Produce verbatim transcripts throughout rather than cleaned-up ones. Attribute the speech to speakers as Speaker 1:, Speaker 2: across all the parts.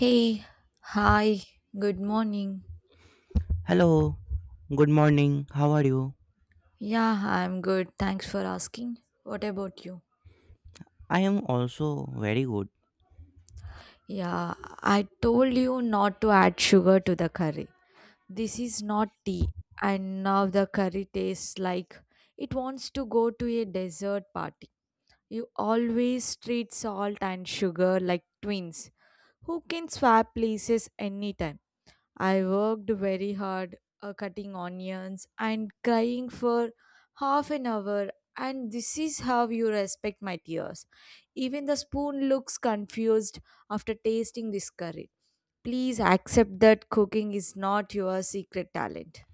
Speaker 1: Hey, hi, good morning.
Speaker 2: Hello, good morning. How are you?
Speaker 1: Yeah, I'm good. Thanks for asking. What about you?
Speaker 2: I am also very good.
Speaker 1: Yeah, I told you not to add sugar to the curry. This is not tea, and now the curry tastes like it wants to go to a dessert party. You always treat salt and sugar like twins who can swap places anytime. I worked very hard uh, cutting onions and crying for half an hour, and this is how you respect my tears. Even the spoon looks confused after tasting this curry. Please accept that cooking is not your secret talent.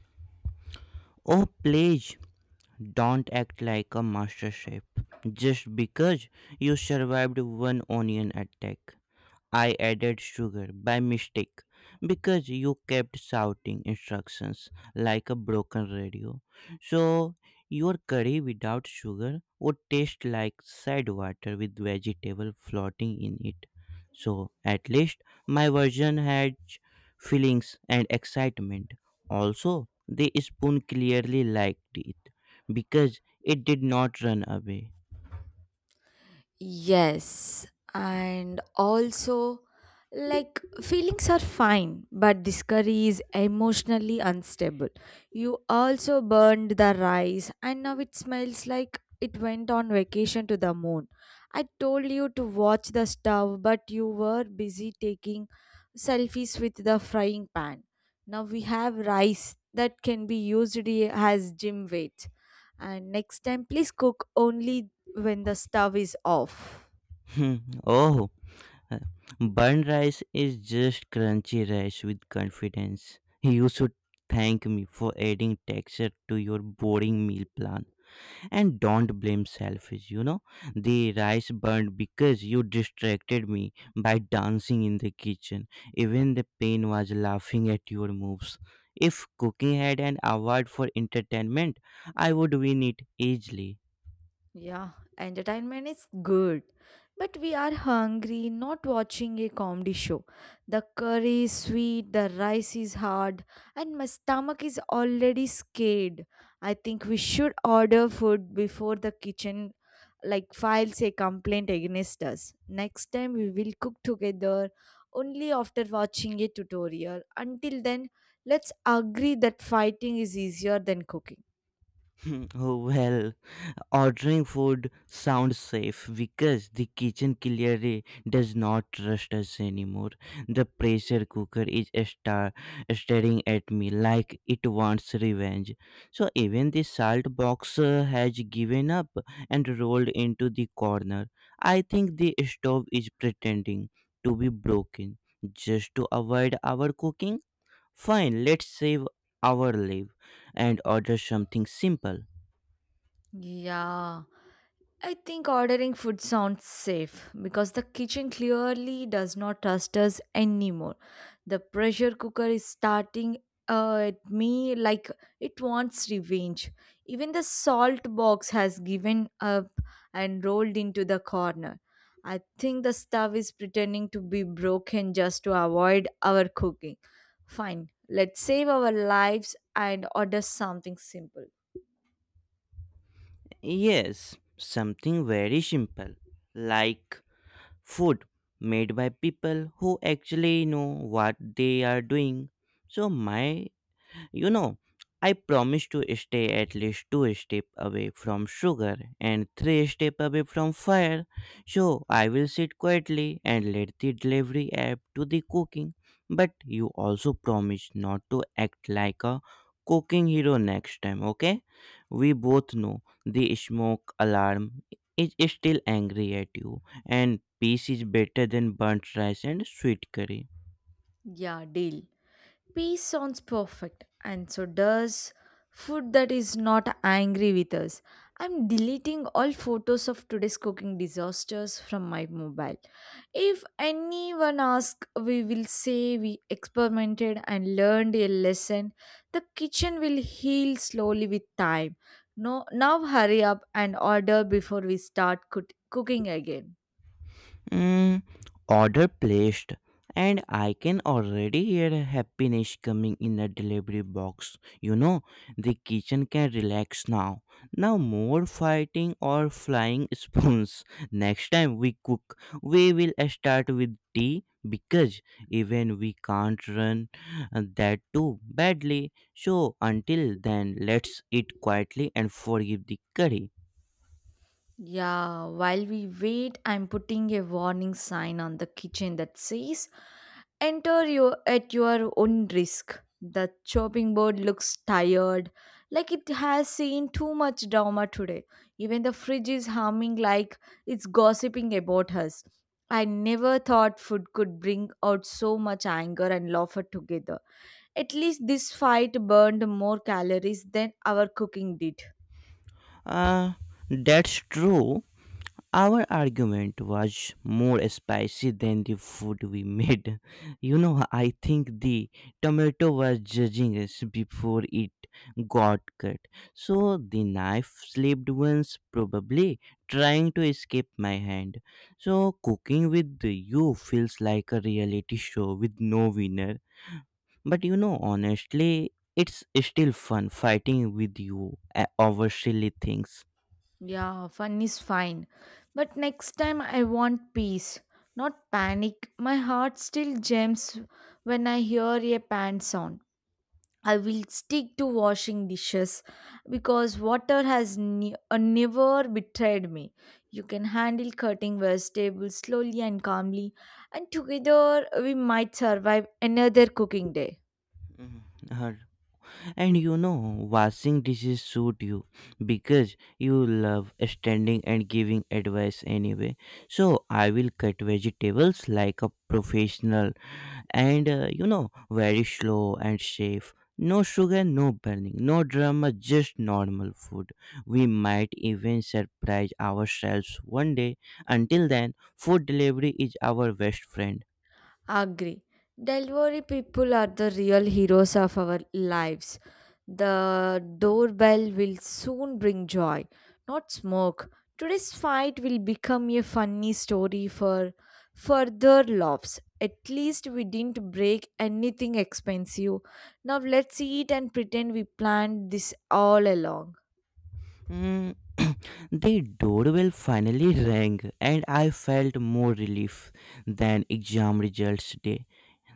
Speaker 2: Oh, please don't act like a master chef just because you survived one onion attack. I added sugar by mistake because you kept shouting instructions like a broken radio. So, your curry without sugar would taste like sad water with vegetable floating in it. So, at least my version had feelings and excitement. Also, the spoon clearly liked it because it did not run away.
Speaker 1: Yes, and also, like, feelings are fine, but this curry is emotionally unstable. You also burned the rice, and now it smells like it went on vacation to the moon. I told you to watch the stove, but you were busy taking selfies with the frying pan. Now we have rice that can be used i- as gym weights. And next time, please cook only when the stove is off.
Speaker 2: Oh, Uh, burned rice is just crunchy rice with confidence. You should thank me for adding texture to your boring meal plan. And don't blame selfish, you know. The rice burned because you distracted me by dancing in the kitchen. Even the pain was laughing at your moves. If cooking had an award for entertainment, I would win it easily.
Speaker 1: Yeah, entertainment is good. But we are hungry, not watching a comedy show. The curry is sweet, the rice is hard, and my stomach is already scared. I think we should order food before the kitchen like files a complaint against us. Next time we will cook together only after watching a tutorial. Until then, let's agree that fighting is easier than cooking.
Speaker 2: Oh well. Ordering food sounds safe because the kitchen clearly does not trust us anymore. The pressure cooker is star- staring at me like it wants revenge. So even the salt box uh, has given up and rolled into the corner. I think the stove is pretending to be broken just to avoid our cooking. Fine, let's save our life and order something simple.
Speaker 1: Yeah, I think ordering food sounds safe because the kitchen clearly does not trust us anymore. The pressure cooker is starting uh, at me like it wants revenge. Even the salt box has given up and rolled into the corner. I think the stove is pretending to be broken just to avoid our cooking. Fine, let's save our lives and order something simple.
Speaker 2: Yes, something very simple, like food made by people who actually know what they are doing. So, my you know, I promise to stay at least two steps away from sugar and three steps away from fire. So I will sit quietly and let the delivery app do the cooking. But you also promise not to act like a cooking hero next time, okay? We both know the smoke alarm is still angry at you, and peace is better than burnt rice and sweet curry.
Speaker 1: Yeah, deal. Peace sounds perfect, and so does food that is not angry with us. I'm deleting all photos of today's cooking disasters from my mobile. If anyone asks, we will say we experimented and learned a lesson. The kitchen will heal slowly with time. No, now hurry up and order before we start cook- cooking again.
Speaker 2: Mm, order placed, and I can already hear happiness coming in the delivery box. You know, The kitchen can relax now. Now, more fighting or flying spoons. Next time we cook, we will start with tea because even we can't run uh, that too badly. So, until then, let's eat quietly and forgive the curry.
Speaker 1: Yeah, while we wait, I'm putting a warning sign on the kitchen that says, "Enter your, at your own risk." The chopping board looks tired, like it has seen too much drama today. Even the fridge is humming like it's gossiping about us. I never thought food could bring out so much anger and laughter together. At least this fight burned more calories than our cooking did.
Speaker 2: Uh, that's true. Our argument was more spicy than the food we made. You know, I think the tomato was judging us before it got cut. So the knife slipped once, probably trying to escape my hand. So cooking with you feels like a reality show with no winner. But you know, honestly, it's still fun fighting with you uh, over silly things.
Speaker 1: Yeah, fun is fine. But next time I want peace, not panic. My heart still jumps when I hear a pan sound. I will stick to washing dishes because water has ne- uh, never betrayed me. You can handle cutting vegetables slowly and calmly, and together we might survive another cooking day.
Speaker 2: Mhm. Uh, And you know, washing dishes suit you because you love standing and giving advice anyway. So I will cut vegetables like a professional and uh, you know, very slow and safe. No sugar, no burning, no drama, just normal food. We might even surprise ourselves one day. Until then, food delivery is our best friend.
Speaker 1: Agree. Delivery people are the real heroes of our lives. The doorbell will soon bring joy, not smoke. Today's fight will become a funny story for further laughs. At least we didn't break anything expensive. Now let's eat and pretend we planned this all along.
Speaker 2: Mm, the doorbell finally rang, and I felt more relief than exam results day.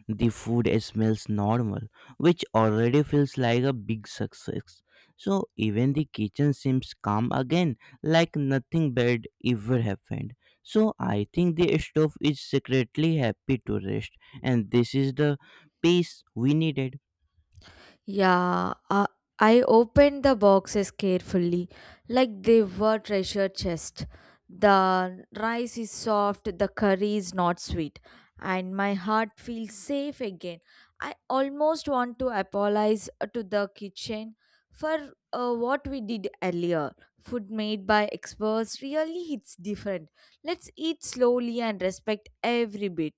Speaker 2: The food smells normal, which already feels like a big success. So even the kitchen seems calm again, like nothing bad ever happened. So I think the stove is secretly happy to rest, and this is the peace we needed.
Speaker 1: Yeah, uh, I opened the boxes carefully, like they were treasure chests. The rice is soft, the curry is not sweet, and my heart feels safe again. I almost want to apologize uh, to the kitchen for uh, what we did earlier. Food made by experts really hits different. Let's eat slowly and respect every bit.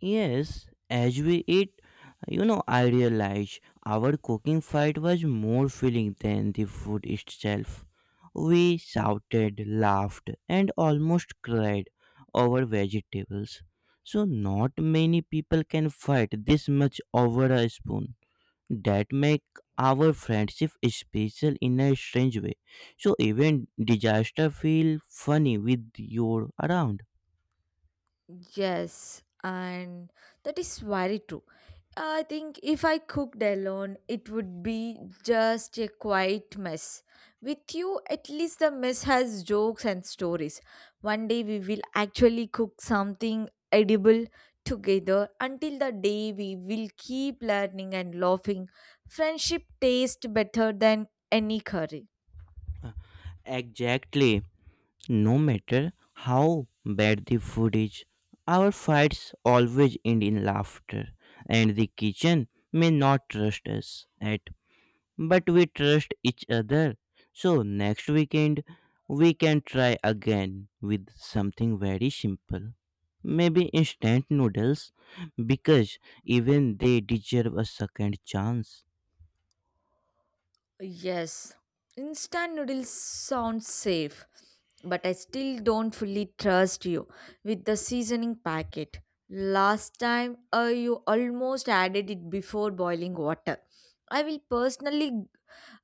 Speaker 2: Yes, as we eat, you know, I realized our cooking fight was more feeling than the food itself. We shouted, laughed, and almost cried over vegetables. So, not many people can fight this much over a spoon. That make our friendship special in a strange way. So, even disaster feel funny with your around.
Speaker 1: Yes, and that is very true. I think if I cooked alone, it would be just a quiet mess. With you, at least the mess has jokes and stories. One day we will actually cook something edible together. Until the day we will keep learning and laughing. Friendship tastes better than any curry.
Speaker 2: Exactly. No matter how bad the food is, our fights always end in laughter, and the kitchen may not trust us at, but we trust each other. So next weekend, we can try again with something very simple. Maybe instant noodles, because even they deserve a second chance.
Speaker 1: Yes, instant noodles sound safe, but I still don't fully trust you with the seasoning packet. Last time, uh, you almost added it before boiling water. I will personally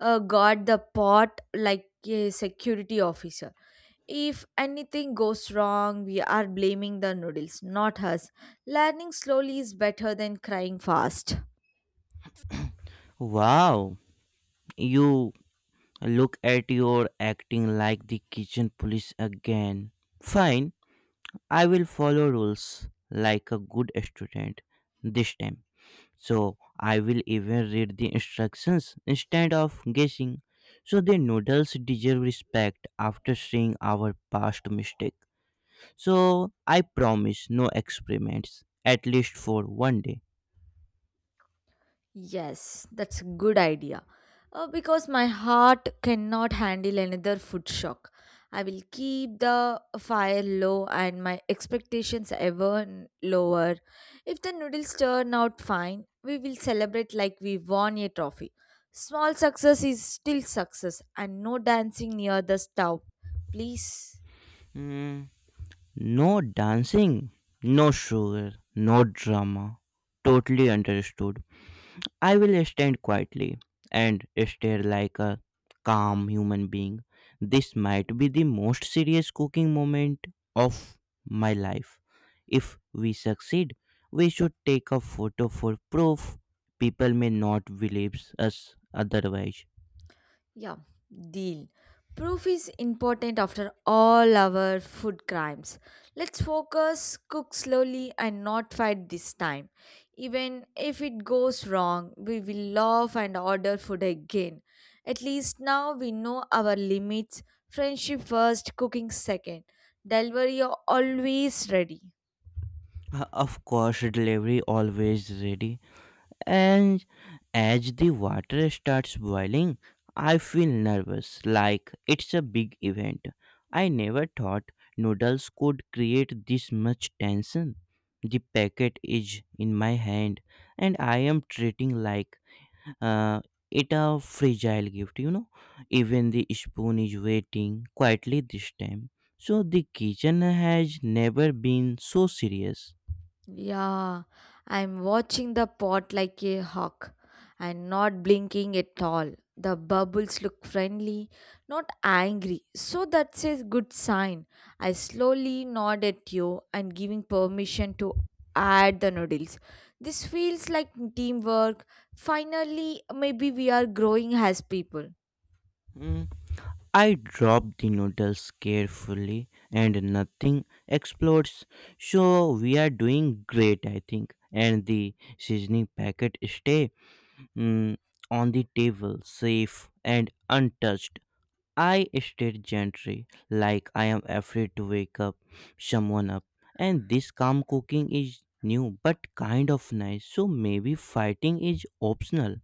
Speaker 1: uh, guard the pot like a security officer. If anything goes wrong, we are blaming the noodles, not us. Learning slowly is better than crying fast.
Speaker 2: Wow, you look at your acting like the kitchen police again. Fine, I will follow rules like a good student this time. So I will even read the instructions instead of guessing. So the noodles deserve respect after seeing our past mistake. So I promise no experiments, at least for one day.
Speaker 1: Yes, that's a good idea. Uh, because my heart cannot handle another food shock. I will keep the fire low and my expectations ever n- lower. If the noodles turn out fine, we will celebrate like we won a trophy. Small success is still success, and no dancing near the stove. Please.
Speaker 2: Hmm, no dancing, no sugar, no drama. Totally understood. I will stand quietly and stare like a calm human being. This might be the most serious cooking moment of my life. If we succeed, we should take a photo for proof. People may not believe us otherwise.
Speaker 1: Yeah, deal. Proof is important after all our food crimes. Let's focus, cook slowly, and not fight this time. Even if it goes wrong, we will laugh and order food again. At least now we know our limits. Friendship first, cooking second. Delivery always ready.
Speaker 2: Uh, Of course, delivery always ready. And as the water starts boiling, I feel nervous, like it's a big event. I never thought noodles could create this much tension. The packet is in my hand, and I am treating like uh, it a fragile gift. You know, even the spoon is waiting quietly this time. So the kitchen has never been so serious.
Speaker 1: Yeah, I'm watching the pot like a hawk and not blinking at all. The bubbles look friendly, not angry, so that's a good sign. I slowly nod at you and giving permission to add the noodles. This feels like teamwork. Finally, maybe we are growing as people.
Speaker 2: Mm. I drop the noodles carefully and nothing explodes. So we are doing great, I think. And the seasoning packet stay mm, on the table, safe and untouched. I stayed gently, like I am afraid to wake up someone up. And this calm cooking is new but kind of nice. So maybe fighting is optional.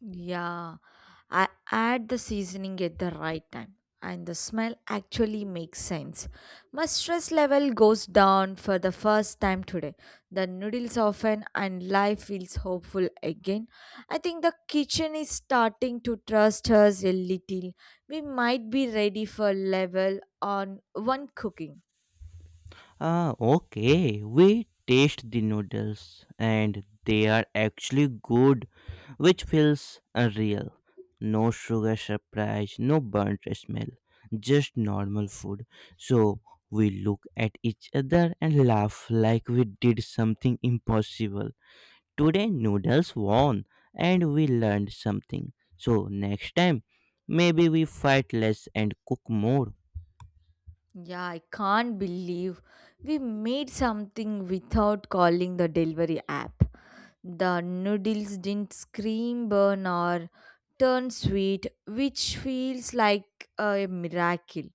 Speaker 1: Yeah. I add the seasoning at the right time and the smell actually makes sense. My stress level goes down for the first time today. The noodles soften, and life feels hopeful again. I think the kitchen is starting to trust us a little. We might be ready for level on one cooking.
Speaker 2: Ah, okay. We taste the noodles and they are actually good, which feels unreal. No sugar surprise, no burnt smell, just normal food. So we look at each other and laugh like we did something impossible. Today, noodles won and we learned something. So next time, maybe we fight less and cook more.
Speaker 1: Yeah, I can't believe we made something without calling the delivery app. The noodles didn't scream, burn, or turn sweet, which feels like a miracle.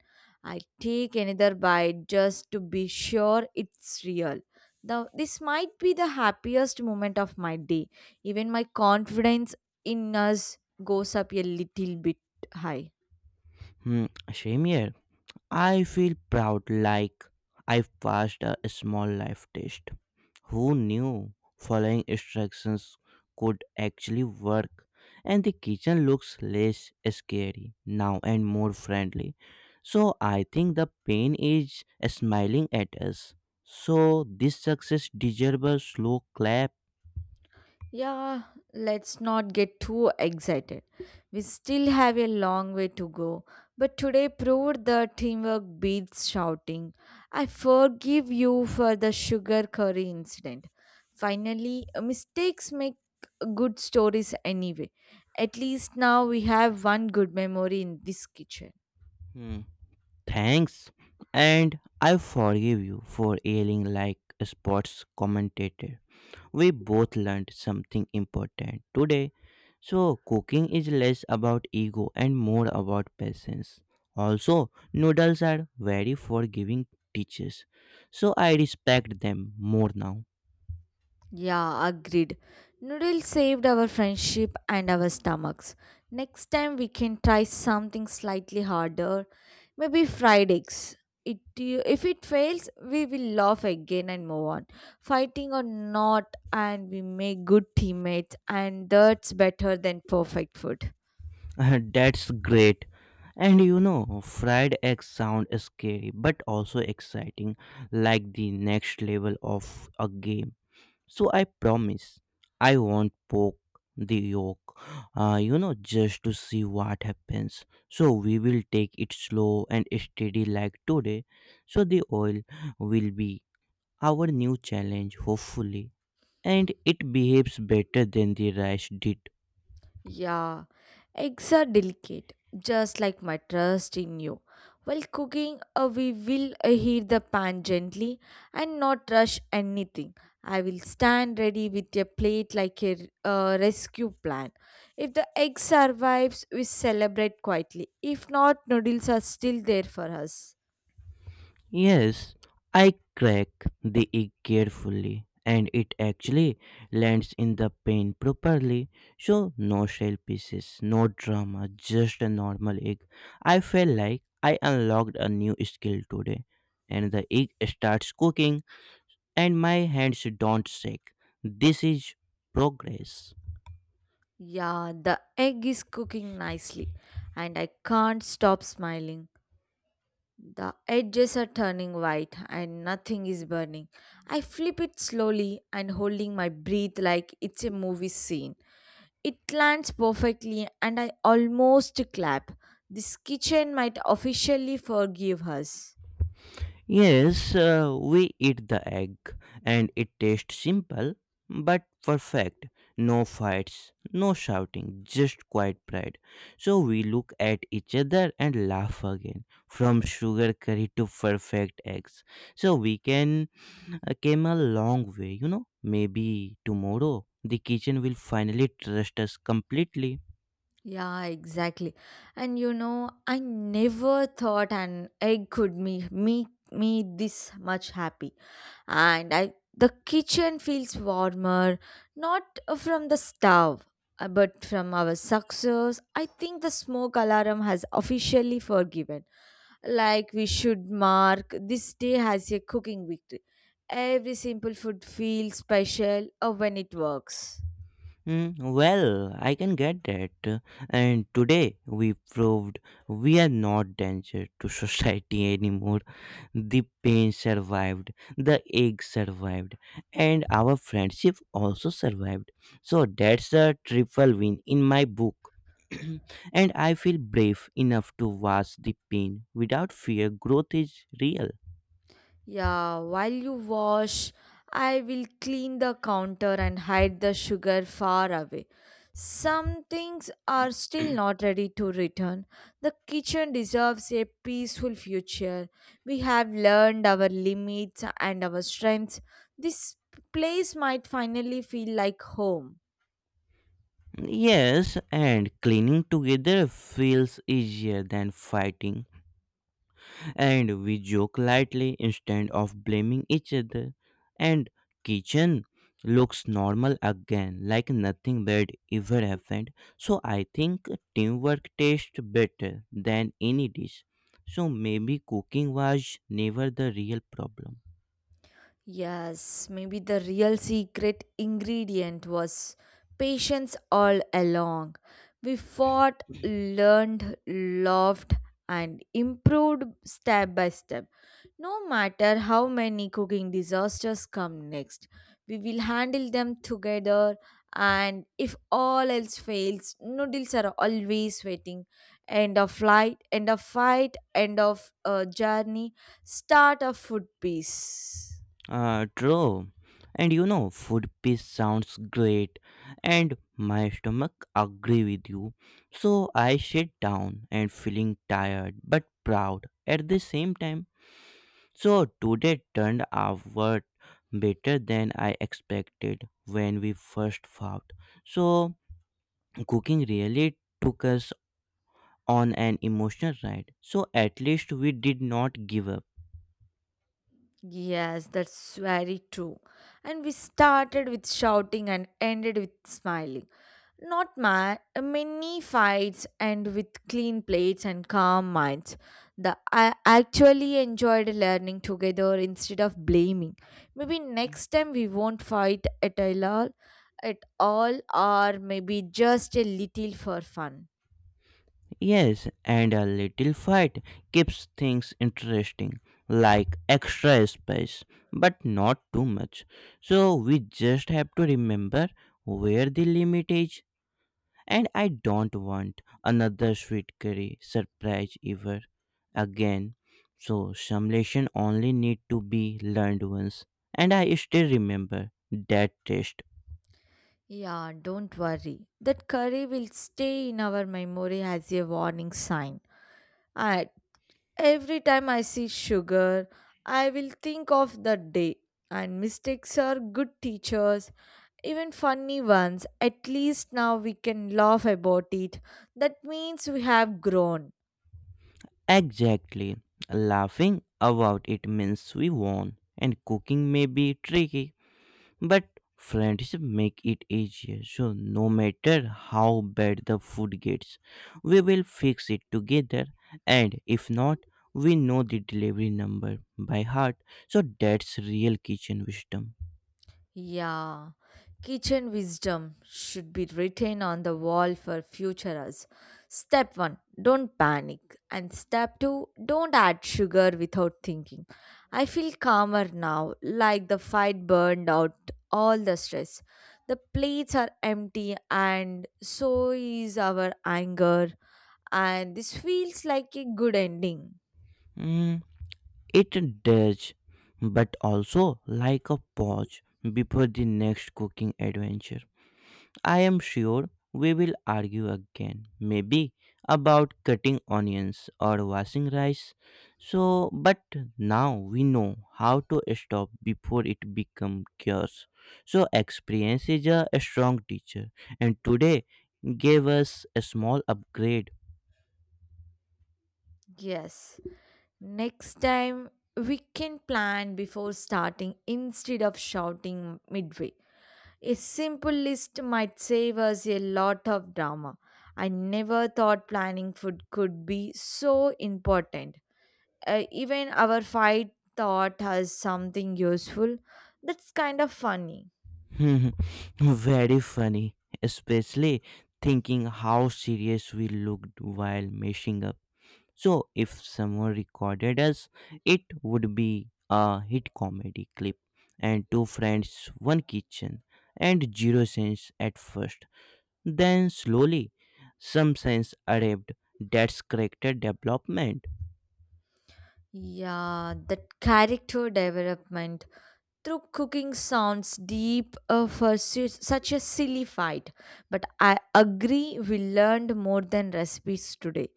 Speaker 1: I take another bite just to be sure it's real. The, this might be the happiest moment of my day. Even my confidence in us goes up a little bit high.
Speaker 2: Hmm, same here. I feel proud like I passed a small life test. Who knew following instructions could actually work? And the kitchen looks less scary now and more friendly. So I think the pain is smiling at us. So this success deserves a slow clap.
Speaker 1: Yeah, let's not get too excited. We still have a long way to go, but today proved that teamwork beats shouting. I forgive you for the sugar curry incident. Finally, uh, mistakes make good stories anyway. At least now we have one good memory in this kitchen.
Speaker 2: Hmm. Thanks, and I forgive you for yelling like a sports commentator. We both learned something important today. So, cooking is less about ego and more about patience. Also, noodles are very forgiving teachers, so I respect them more now.
Speaker 1: Yeah, agreed. Noodles saved our friendship and our stomachs. Next time we can try something slightly harder, maybe fried eggs. It, if it fails, we will laugh again and move on. Fighting or not, and we make good teammates, and that's better than perfect food.
Speaker 2: That's great. And you know, fried eggs sound scary but also exciting, like the next level of a game. So I promise I won't poke the yolk, uh, you know, just to see what happens. So we will take it slow and steady like today. So the oil will be our new challenge, hopefully. And it behaves better than the rice did.
Speaker 1: Yeah, eggs are delicate, just like my trust in you. While cooking, uh, we will uh, heat the pan gently and not rush anything. I will stand ready with a plate like a uh, rescue plan. If the egg survives, we celebrate quietly. If not, noodles are still there for us.
Speaker 2: Yes, I crack the egg carefully and it actually lands in the pan properly. So, no shell pieces, no drama, just a normal egg. I felt like I unlocked a new skill today. And the egg starts cooking and my hands don't shake. This is progress.
Speaker 1: Yeah, the egg is cooking nicely, and I can't stop smiling. The edges are turning white and nothing is burning. I flip it slowly and holding my breath like it's a movie scene. It lands perfectly and I almost clap. This kitchen might officially forgive us.
Speaker 2: Yes, uh, we eat the egg and it tastes simple but perfect. No fights, no shouting, just quiet pride. So we look at each other and laugh again. From sugar curry to perfect eggs. So we can uh, came a long way, you know. Maybe tomorrow the kitchen will finally trust us completely.
Speaker 1: Yeah, exactly. And you know, I never thought an egg could me make me, me this much happy. And I the kitchen feels warmer, not from the stove, uh, but from our success. I think the smoke alarm has officially forgiven. Like we should mark this day as a cooking victory. Every simple food feels special uh, when it works.
Speaker 2: Mm, well, I can get that. And today we proved we are not danger to society anymore. The pain survived, the egg survived, and our friendship also survived. So that's a triple win in my book. And I feel brave enough to watch the pain without fear. Growth is real.
Speaker 1: Yeah, while you wash, I will clean the counter and hide the sugar far away. Some things are still not ready to return. The kitchen deserves a peaceful future. We have learned our limits and our strengths. This place might finally feel like home.
Speaker 2: Yes, and cleaning together feels easier than fighting. And we joke lightly instead of blaming each other. And kitchen looks normal again, like nothing bad ever happened. So I think teamwork tastes better than any dish. So maybe cooking was never the real problem.
Speaker 1: Yes, maybe the real secret ingredient was patience all along. We fought, learned, loved, and improved step by step. No matter how many cooking disasters come next, we will handle them together. And if all else fails, noodles are always waiting. End of flight, end of fight, end of uh, journey, start of food piece.
Speaker 2: Uh, true. And you know, food piece sounds great, and my stomach agree with you. So I sit down and feeling tired but proud at the same time. So today turned out better than I expected when we first fought. So cooking really took us on an emotional ride. So at least we did not give up.
Speaker 1: Yes, that's very true. And we started with shouting and ended with smiling. Not ma- many fights end with clean plates and calm minds. The, I actually enjoyed learning together instead of blaming. Maybe next time we won't fight at all, at all, or maybe just a little for fun.
Speaker 2: Yes, and a little fight keeps things interesting, like extra spice, but not too much. So we just have to remember where the limit is. And I don't want another sweet curry surprise ever again. So simulation only need to be learned once, and I still remember that taste
Speaker 1: Yeah, don't worry. That curry will stay in our memory as a warning sign. I Every time I see sugar, I will think of that day. And mistakes are good teachers, even funny ones. At least now we can laugh about it. That means we have grown.
Speaker 2: exactly. Laughing about it means we won, and cooking may be tricky, but friendship make it easier. So no matter how bad the food gets, we will fix it together, and if not, we know the delivery number by heart, so that's real kitchen wisdom.
Speaker 1: Yeah, kitchen wisdom should be written on the wall for future us. Step one, don't panic. And step two, don't add sugar without thinking. I feel calmer now, like the fight burned out all the stress. The plates are empty, and so is our anger. And this feels like a good ending.
Speaker 2: Mm, it does, but also like a pause before the next cooking adventure. I am sure we will argue again, maybe about cutting onions or washing rice. So, but now we know how to stop before it becomes chaos. So, experience is a strong teacher, and today gave us a small upgrade.
Speaker 1: Yes. Next time, we can plan before starting instead of shouting midway. A simple list might save us a lot of drama. I never thought planning food could be so important. Uh, even our fight thought has something useful. That's kind of funny.
Speaker 2: Very funny, especially thinking how serious we looked while messing up. So if someone recorded us, it would be a hit comedy clip. And two friends, one kitchen, and zero sense at first. Then slowly, some sense arrived. That's character development.
Speaker 1: Yeah, that character development. True cooking sounds deep uh, for su- such a silly fight, but I agree we learned more than recipes today.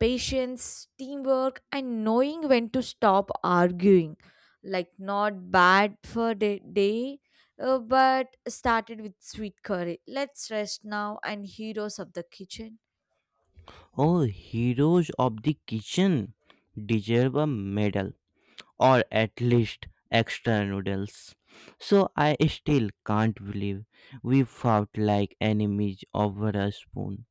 Speaker 1: Patience, teamwork, and knowing when to stop arguing. Like, not bad for the day, uh, but started with sweet curry. Let's rest now and heroes of the kitchen.
Speaker 2: Oh, heroes of the kitchen deserve a medal. Or at least extra noodles. So I still can't believe we fought like enemies over a spoon.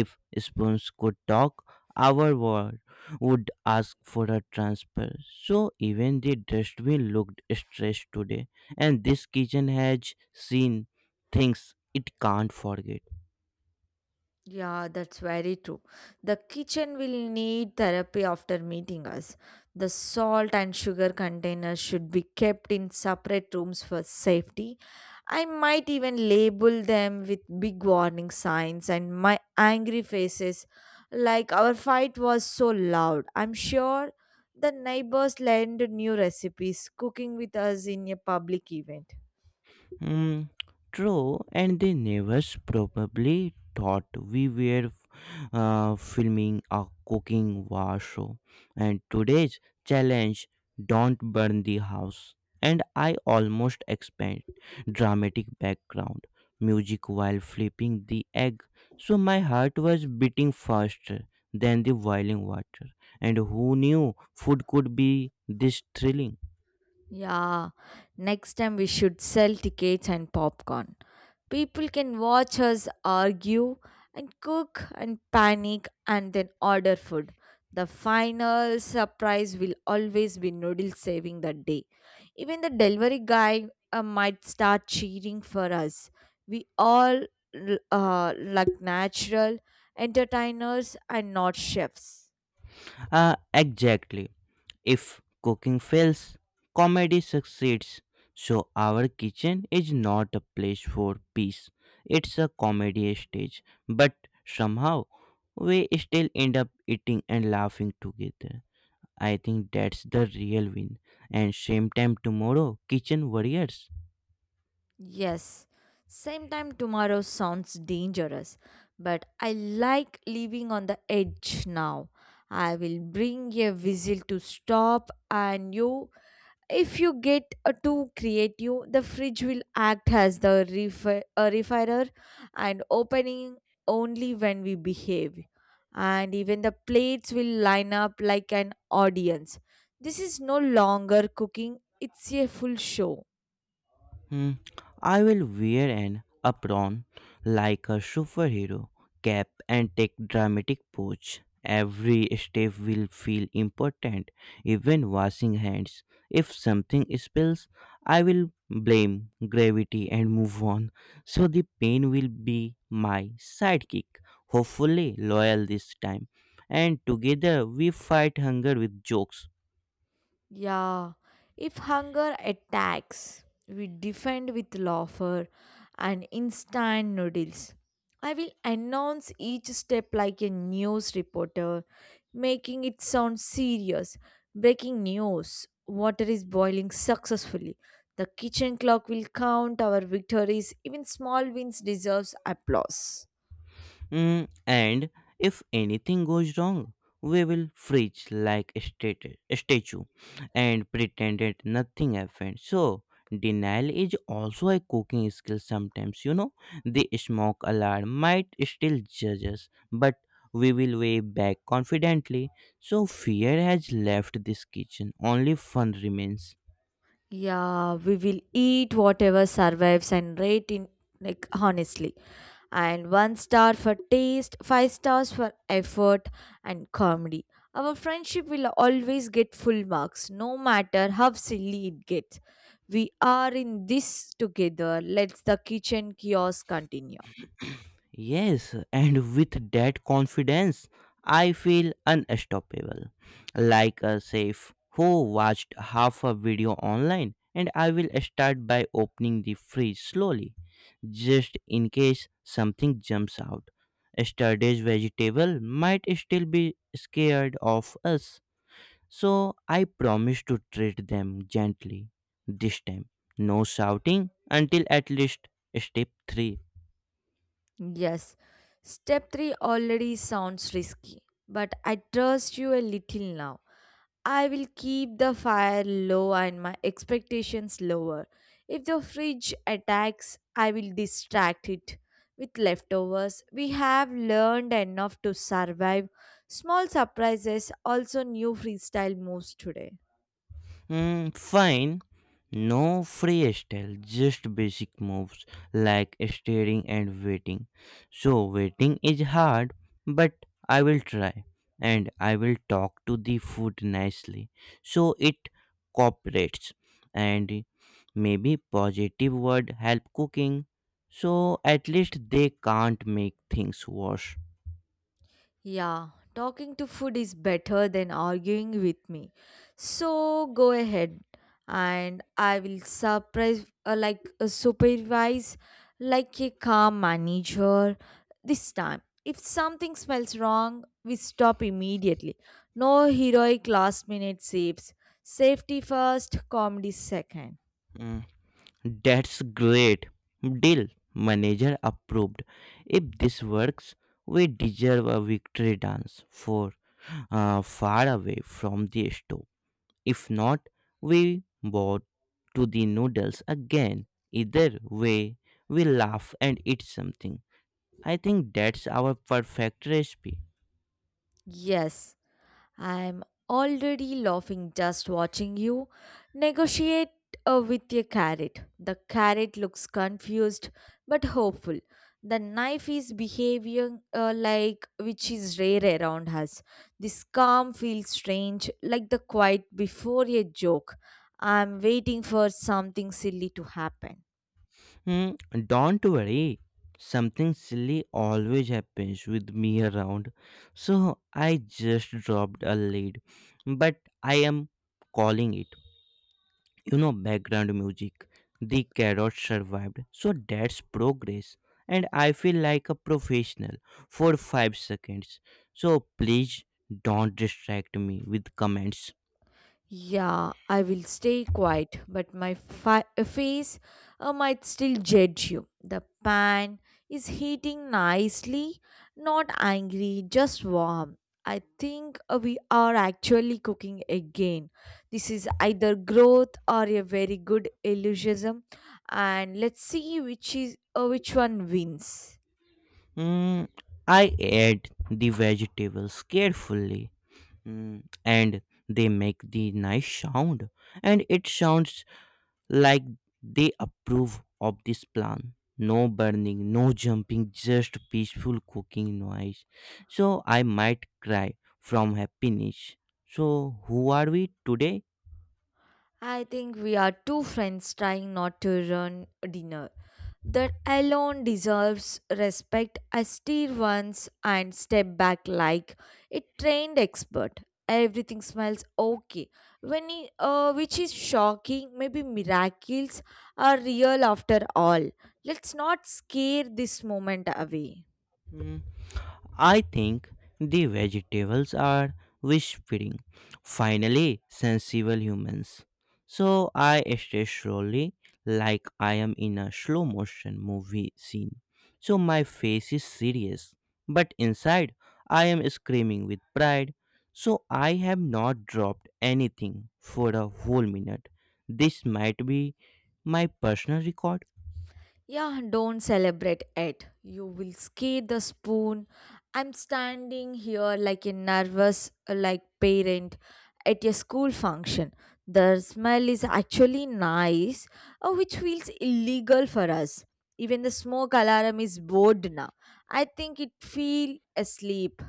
Speaker 2: If spoons could talk, our war would ask for a transfer. So even the dustbin looked stressed today, and this kitchen has seen things it can't forget.
Speaker 1: Yeah, that's very true. The kitchen will need therapy after meeting us. The salt and sugar containers should be kept in separate rooms for safety. I might even label them with big warning signs and my angry faces, like our fight was so loud. I'm sure the neighbors learned new recipes cooking with us in a public event.
Speaker 2: Hmm, true, and the neighbors probably thought we were uh, filming a cooking war show. And today's challenge, don't burn the house. And I almost expect dramatic background music while flipping the egg. So my heart was beating faster than the boiling water. And who knew food could be this thrilling?
Speaker 1: Yeah, next time we should sell tickets and popcorn. People can watch us argue and cook and panic and then order food. The final surprise will always be noodle saving that day. Even the delivery guy uh, might start cheering for us. We all l- uh, like natural entertainers and not chefs.
Speaker 2: Uh, exactly. If cooking fails, comedy succeeds. So our kitchen is not a place for peace. It's a comedy stage. But somehow we still end up eating and laughing together. I think that's the real win. And same time tomorrow, kitchen warriors.
Speaker 1: Yes, same time tomorrow sounds dangerous, but I like living on the edge now. I will bring a whistle to stop, and you, if you get uh, too creative, the fridge will act as the refi- uh, refirer and opening only when we behave. And even the plates will line up like an audience. This is no longer cooking, it's a full show.
Speaker 2: Hmm, I will wear an apron like a superhero cap and take dramatic pose. Every step will feel important, even washing hands. If something spills, I will blame gravity and move on. So the pain will be my sidekick, hopefully loyal this time. And together we fight hunger with jokes.
Speaker 1: Yeah, if hunger attacks, we defend with laughter and instant noodles. I will announce each step like a news reporter, making it sound serious. Breaking news, water is boiling successfully. The kitchen clock will count our victories. Even small wins deserves applause.
Speaker 2: Mm, and if anything goes wrong, we will freeze like a stat- a statue and pretend that nothing happened. So, denial is also a cooking skill sometimes. You know, the smoke alarm might still judge us, but we will weigh back confidently. So, fear has left this kitchen, only fun remains.
Speaker 1: Yeah, we will eat whatever survives and rate in like honestly. And one star for taste, five stars for effort and comedy. Our friendship will always get full marks, no matter how silly it gets. We are in this together. Let's the kitchen kiosk continue.
Speaker 2: Yes, and with that confidence, I feel unstoppable. Like a safe who watched half a video online, and I will start by opening the fridge slowly, just in case something jumps out. Yesterday's vegetable might still be scared of us, so I promise to treat them gently this time. No shouting until at least step three.
Speaker 1: Yes, step three already sounds risky, but I trust you a little now. I will keep the fire low and my expectations lower. If the fridge attacks, I will distract it with leftovers. We have learned enough to survive. Small surprises, also new freestyle moves today.
Speaker 2: Hmm, fine. No freestyle, just basic moves like staring and waiting. So, waiting is hard, but I will try, and I will talk to the food nicely so it cooperates. And maybe positive word help cooking so at least they can't make things worse.
Speaker 1: Yeah, talking to food is better than arguing with me. So go ahead and I will surprise uh, like a supervise like a calm manager this time. If something smells wrong, we stop immediately. No heroic last minute saves. Safety first, comedy second.
Speaker 2: Mm. That's great. Deal. Manager approved. If this works, we deserve a victory dance for, uh, far away from the stove. If not, we bought to the noodles again. Either way, we laugh and eat something. I think that's our perfect recipe.
Speaker 1: Yes. I'm already laughing just watching you negotiate uh, with a carrot. The carrot looks confused but hopeful. The knife is behaving uh, like, which is rare around us. This calm feels strange, like the quiet before a joke. I'm waiting for something silly to happen.
Speaker 2: Hmm, don't worry. Something silly always happens with me around. So I just dropped a lead. But I am calling it. You know, background music. The carrot survived. So that's progress. And I feel like a professional for five seconds. So please don't distract me with comments.
Speaker 1: Yeah, I will stay quiet, but my fi- face uh, might still judge you. The pan is heating nicely, not angry, just warm. I think uh, we are actually cooking again. This is either growth or a very good illusionism, and let's see which is uh, which one wins.
Speaker 2: Hmm, I add the vegetables carefully. Mm, and they make the nice sound, and it sounds like they approve of this plan. No burning, no jumping, just peaceful cooking noise. So I might cry from happiness. So who are we today?
Speaker 1: I think we are two friends trying not to ruin dinner. That alone deserves respect. I steer once and step back like a trained expert. Everything smells okay, when he, uh, which is shocking. Maybe miracles are real after all. Let's not scare this moment away.
Speaker 2: Hmm. I think the vegetables are whispering, finally, sensible humans. So I stay slowly, like I am in a slow motion movie scene. So my face is serious, but inside I am screaming with pride. So I have not dropped anything for a whole minute. This might be my personal record.
Speaker 1: Yeah, don't celebrate it. You will skate the spoon. I'm standing here like a nervous uh, like parent at a school function. The smell is actually nice, uh, which feels illegal for us. Even the smoke alarm is bored now. I think it feel asleep.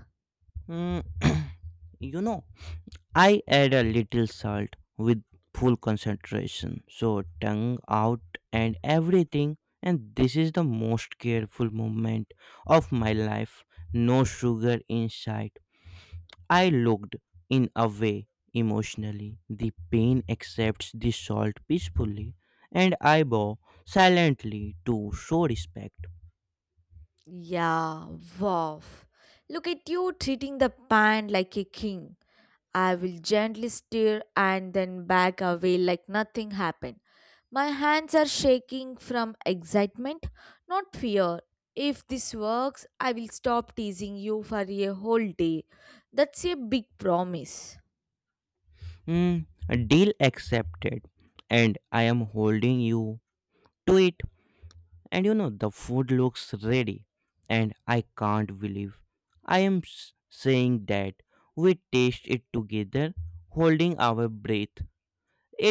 Speaker 2: Mm, you know, I add a little salt with full concentration, so tongue out and everything. And this is the most careful moment of my life. No sugar in sight. I looked in a way emotionally. The pain accepts the salt peacefully, and I bow silently to show respect.
Speaker 1: Yeah, wow. Look at you treating the pan like a king. I will gently stir and then back away like nothing happened. My hands are shaking from excitement, not fear. If this works, I will stop teasing you for a whole day. That's a big promise.
Speaker 2: Hmm, deal accepted, and I am holding you to it. And you know the food looks ready, and I can't believe I am s- saying that. We taste it together, holding our breath.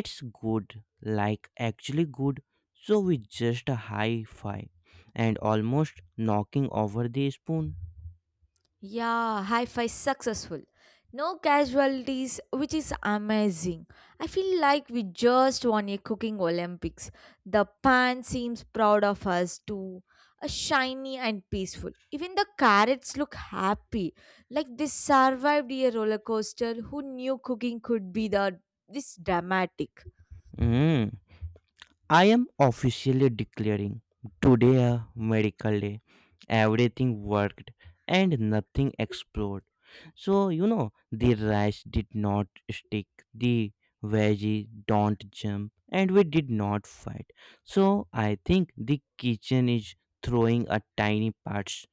Speaker 2: It's good, like actually good. So we just high five and almost knocking over the spoon.
Speaker 1: Yeah, high five successful. No casualties, which is amazing. I feel like we just won a cooking Olympics. The pan seems proud of us too. A shiny and peaceful. Even the carrots look happy. Like they survived a roller coaster. Who knew cooking could be the this dramatic?
Speaker 2: Mm. I am officially declaring today a medical day. Everything worked and nothing exploded. So, you know, the rice did not stick, the veggie don't jump, and we did not fight. So, I think the kitchen is throwing a tiny parts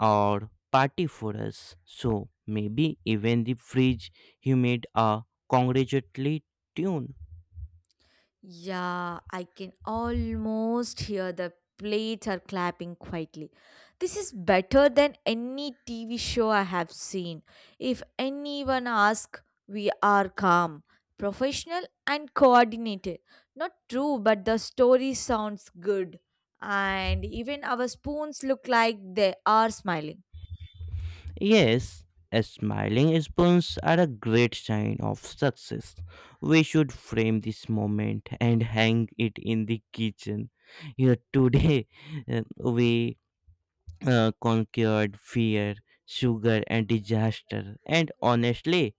Speaker 2: or party for us. So, maybe even the fridge humid a congratulatory tune.
Speaker 1: Yeah, I can almost hear the plates are clapping quietly. This is better than any T V show I have seen. If anyone asks, we are calm, professional, and coordinated. Not true, but the story sounds good. And even our spoons look like they are smiling.
Speaker 2: Yes, a smiling spoons are a great sign of success. We should frame this moment and hang it in the kitchen. Here today, uh, we uh, conquered fear, sugar, and disaster. And honestly,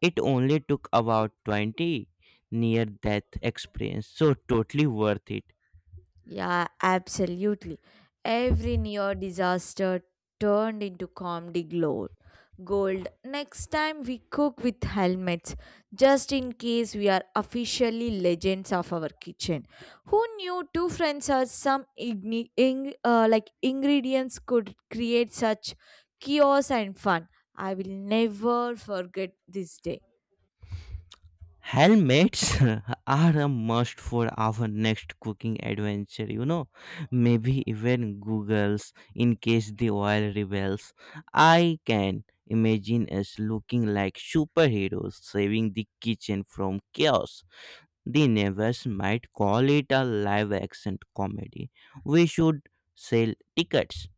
Speaker 2: it only took about twenty near death experience, so totally worth it.
Speaker 1: Yeah, absolutely. Every near disaster turned into comedy gold. Gold. Next time we cook with helmets, just in case we are officially legends of our kitchen. Who knew two friends or some igni- ing- uh, like ingredients could create such chaos and fun? I will never forget this day.
Speaker 2: Helmets are a must for our next cooking adventure, you know. Maybe even Google's in case the oil rebels. I can imagine us looking like superheroes saving the kitchen from chaos. The neighbors might call it a live action comedy. We should sell tickets.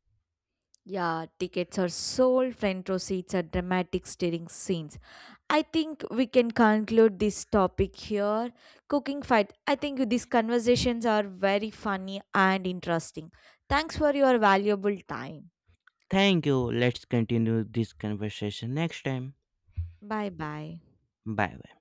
Speaker 1: Yeah, tickets are sold, front row seats are dramatic staring scenes. I think we can conclude this topic here. Cooking fight. I think these conversations are very funny and interesting. Thanks for your valuable time.
Speaker 2: Thank you. Let's continue this conversation next time.
Speaker 1: Bye bye.
Speaker 2: Bye bye.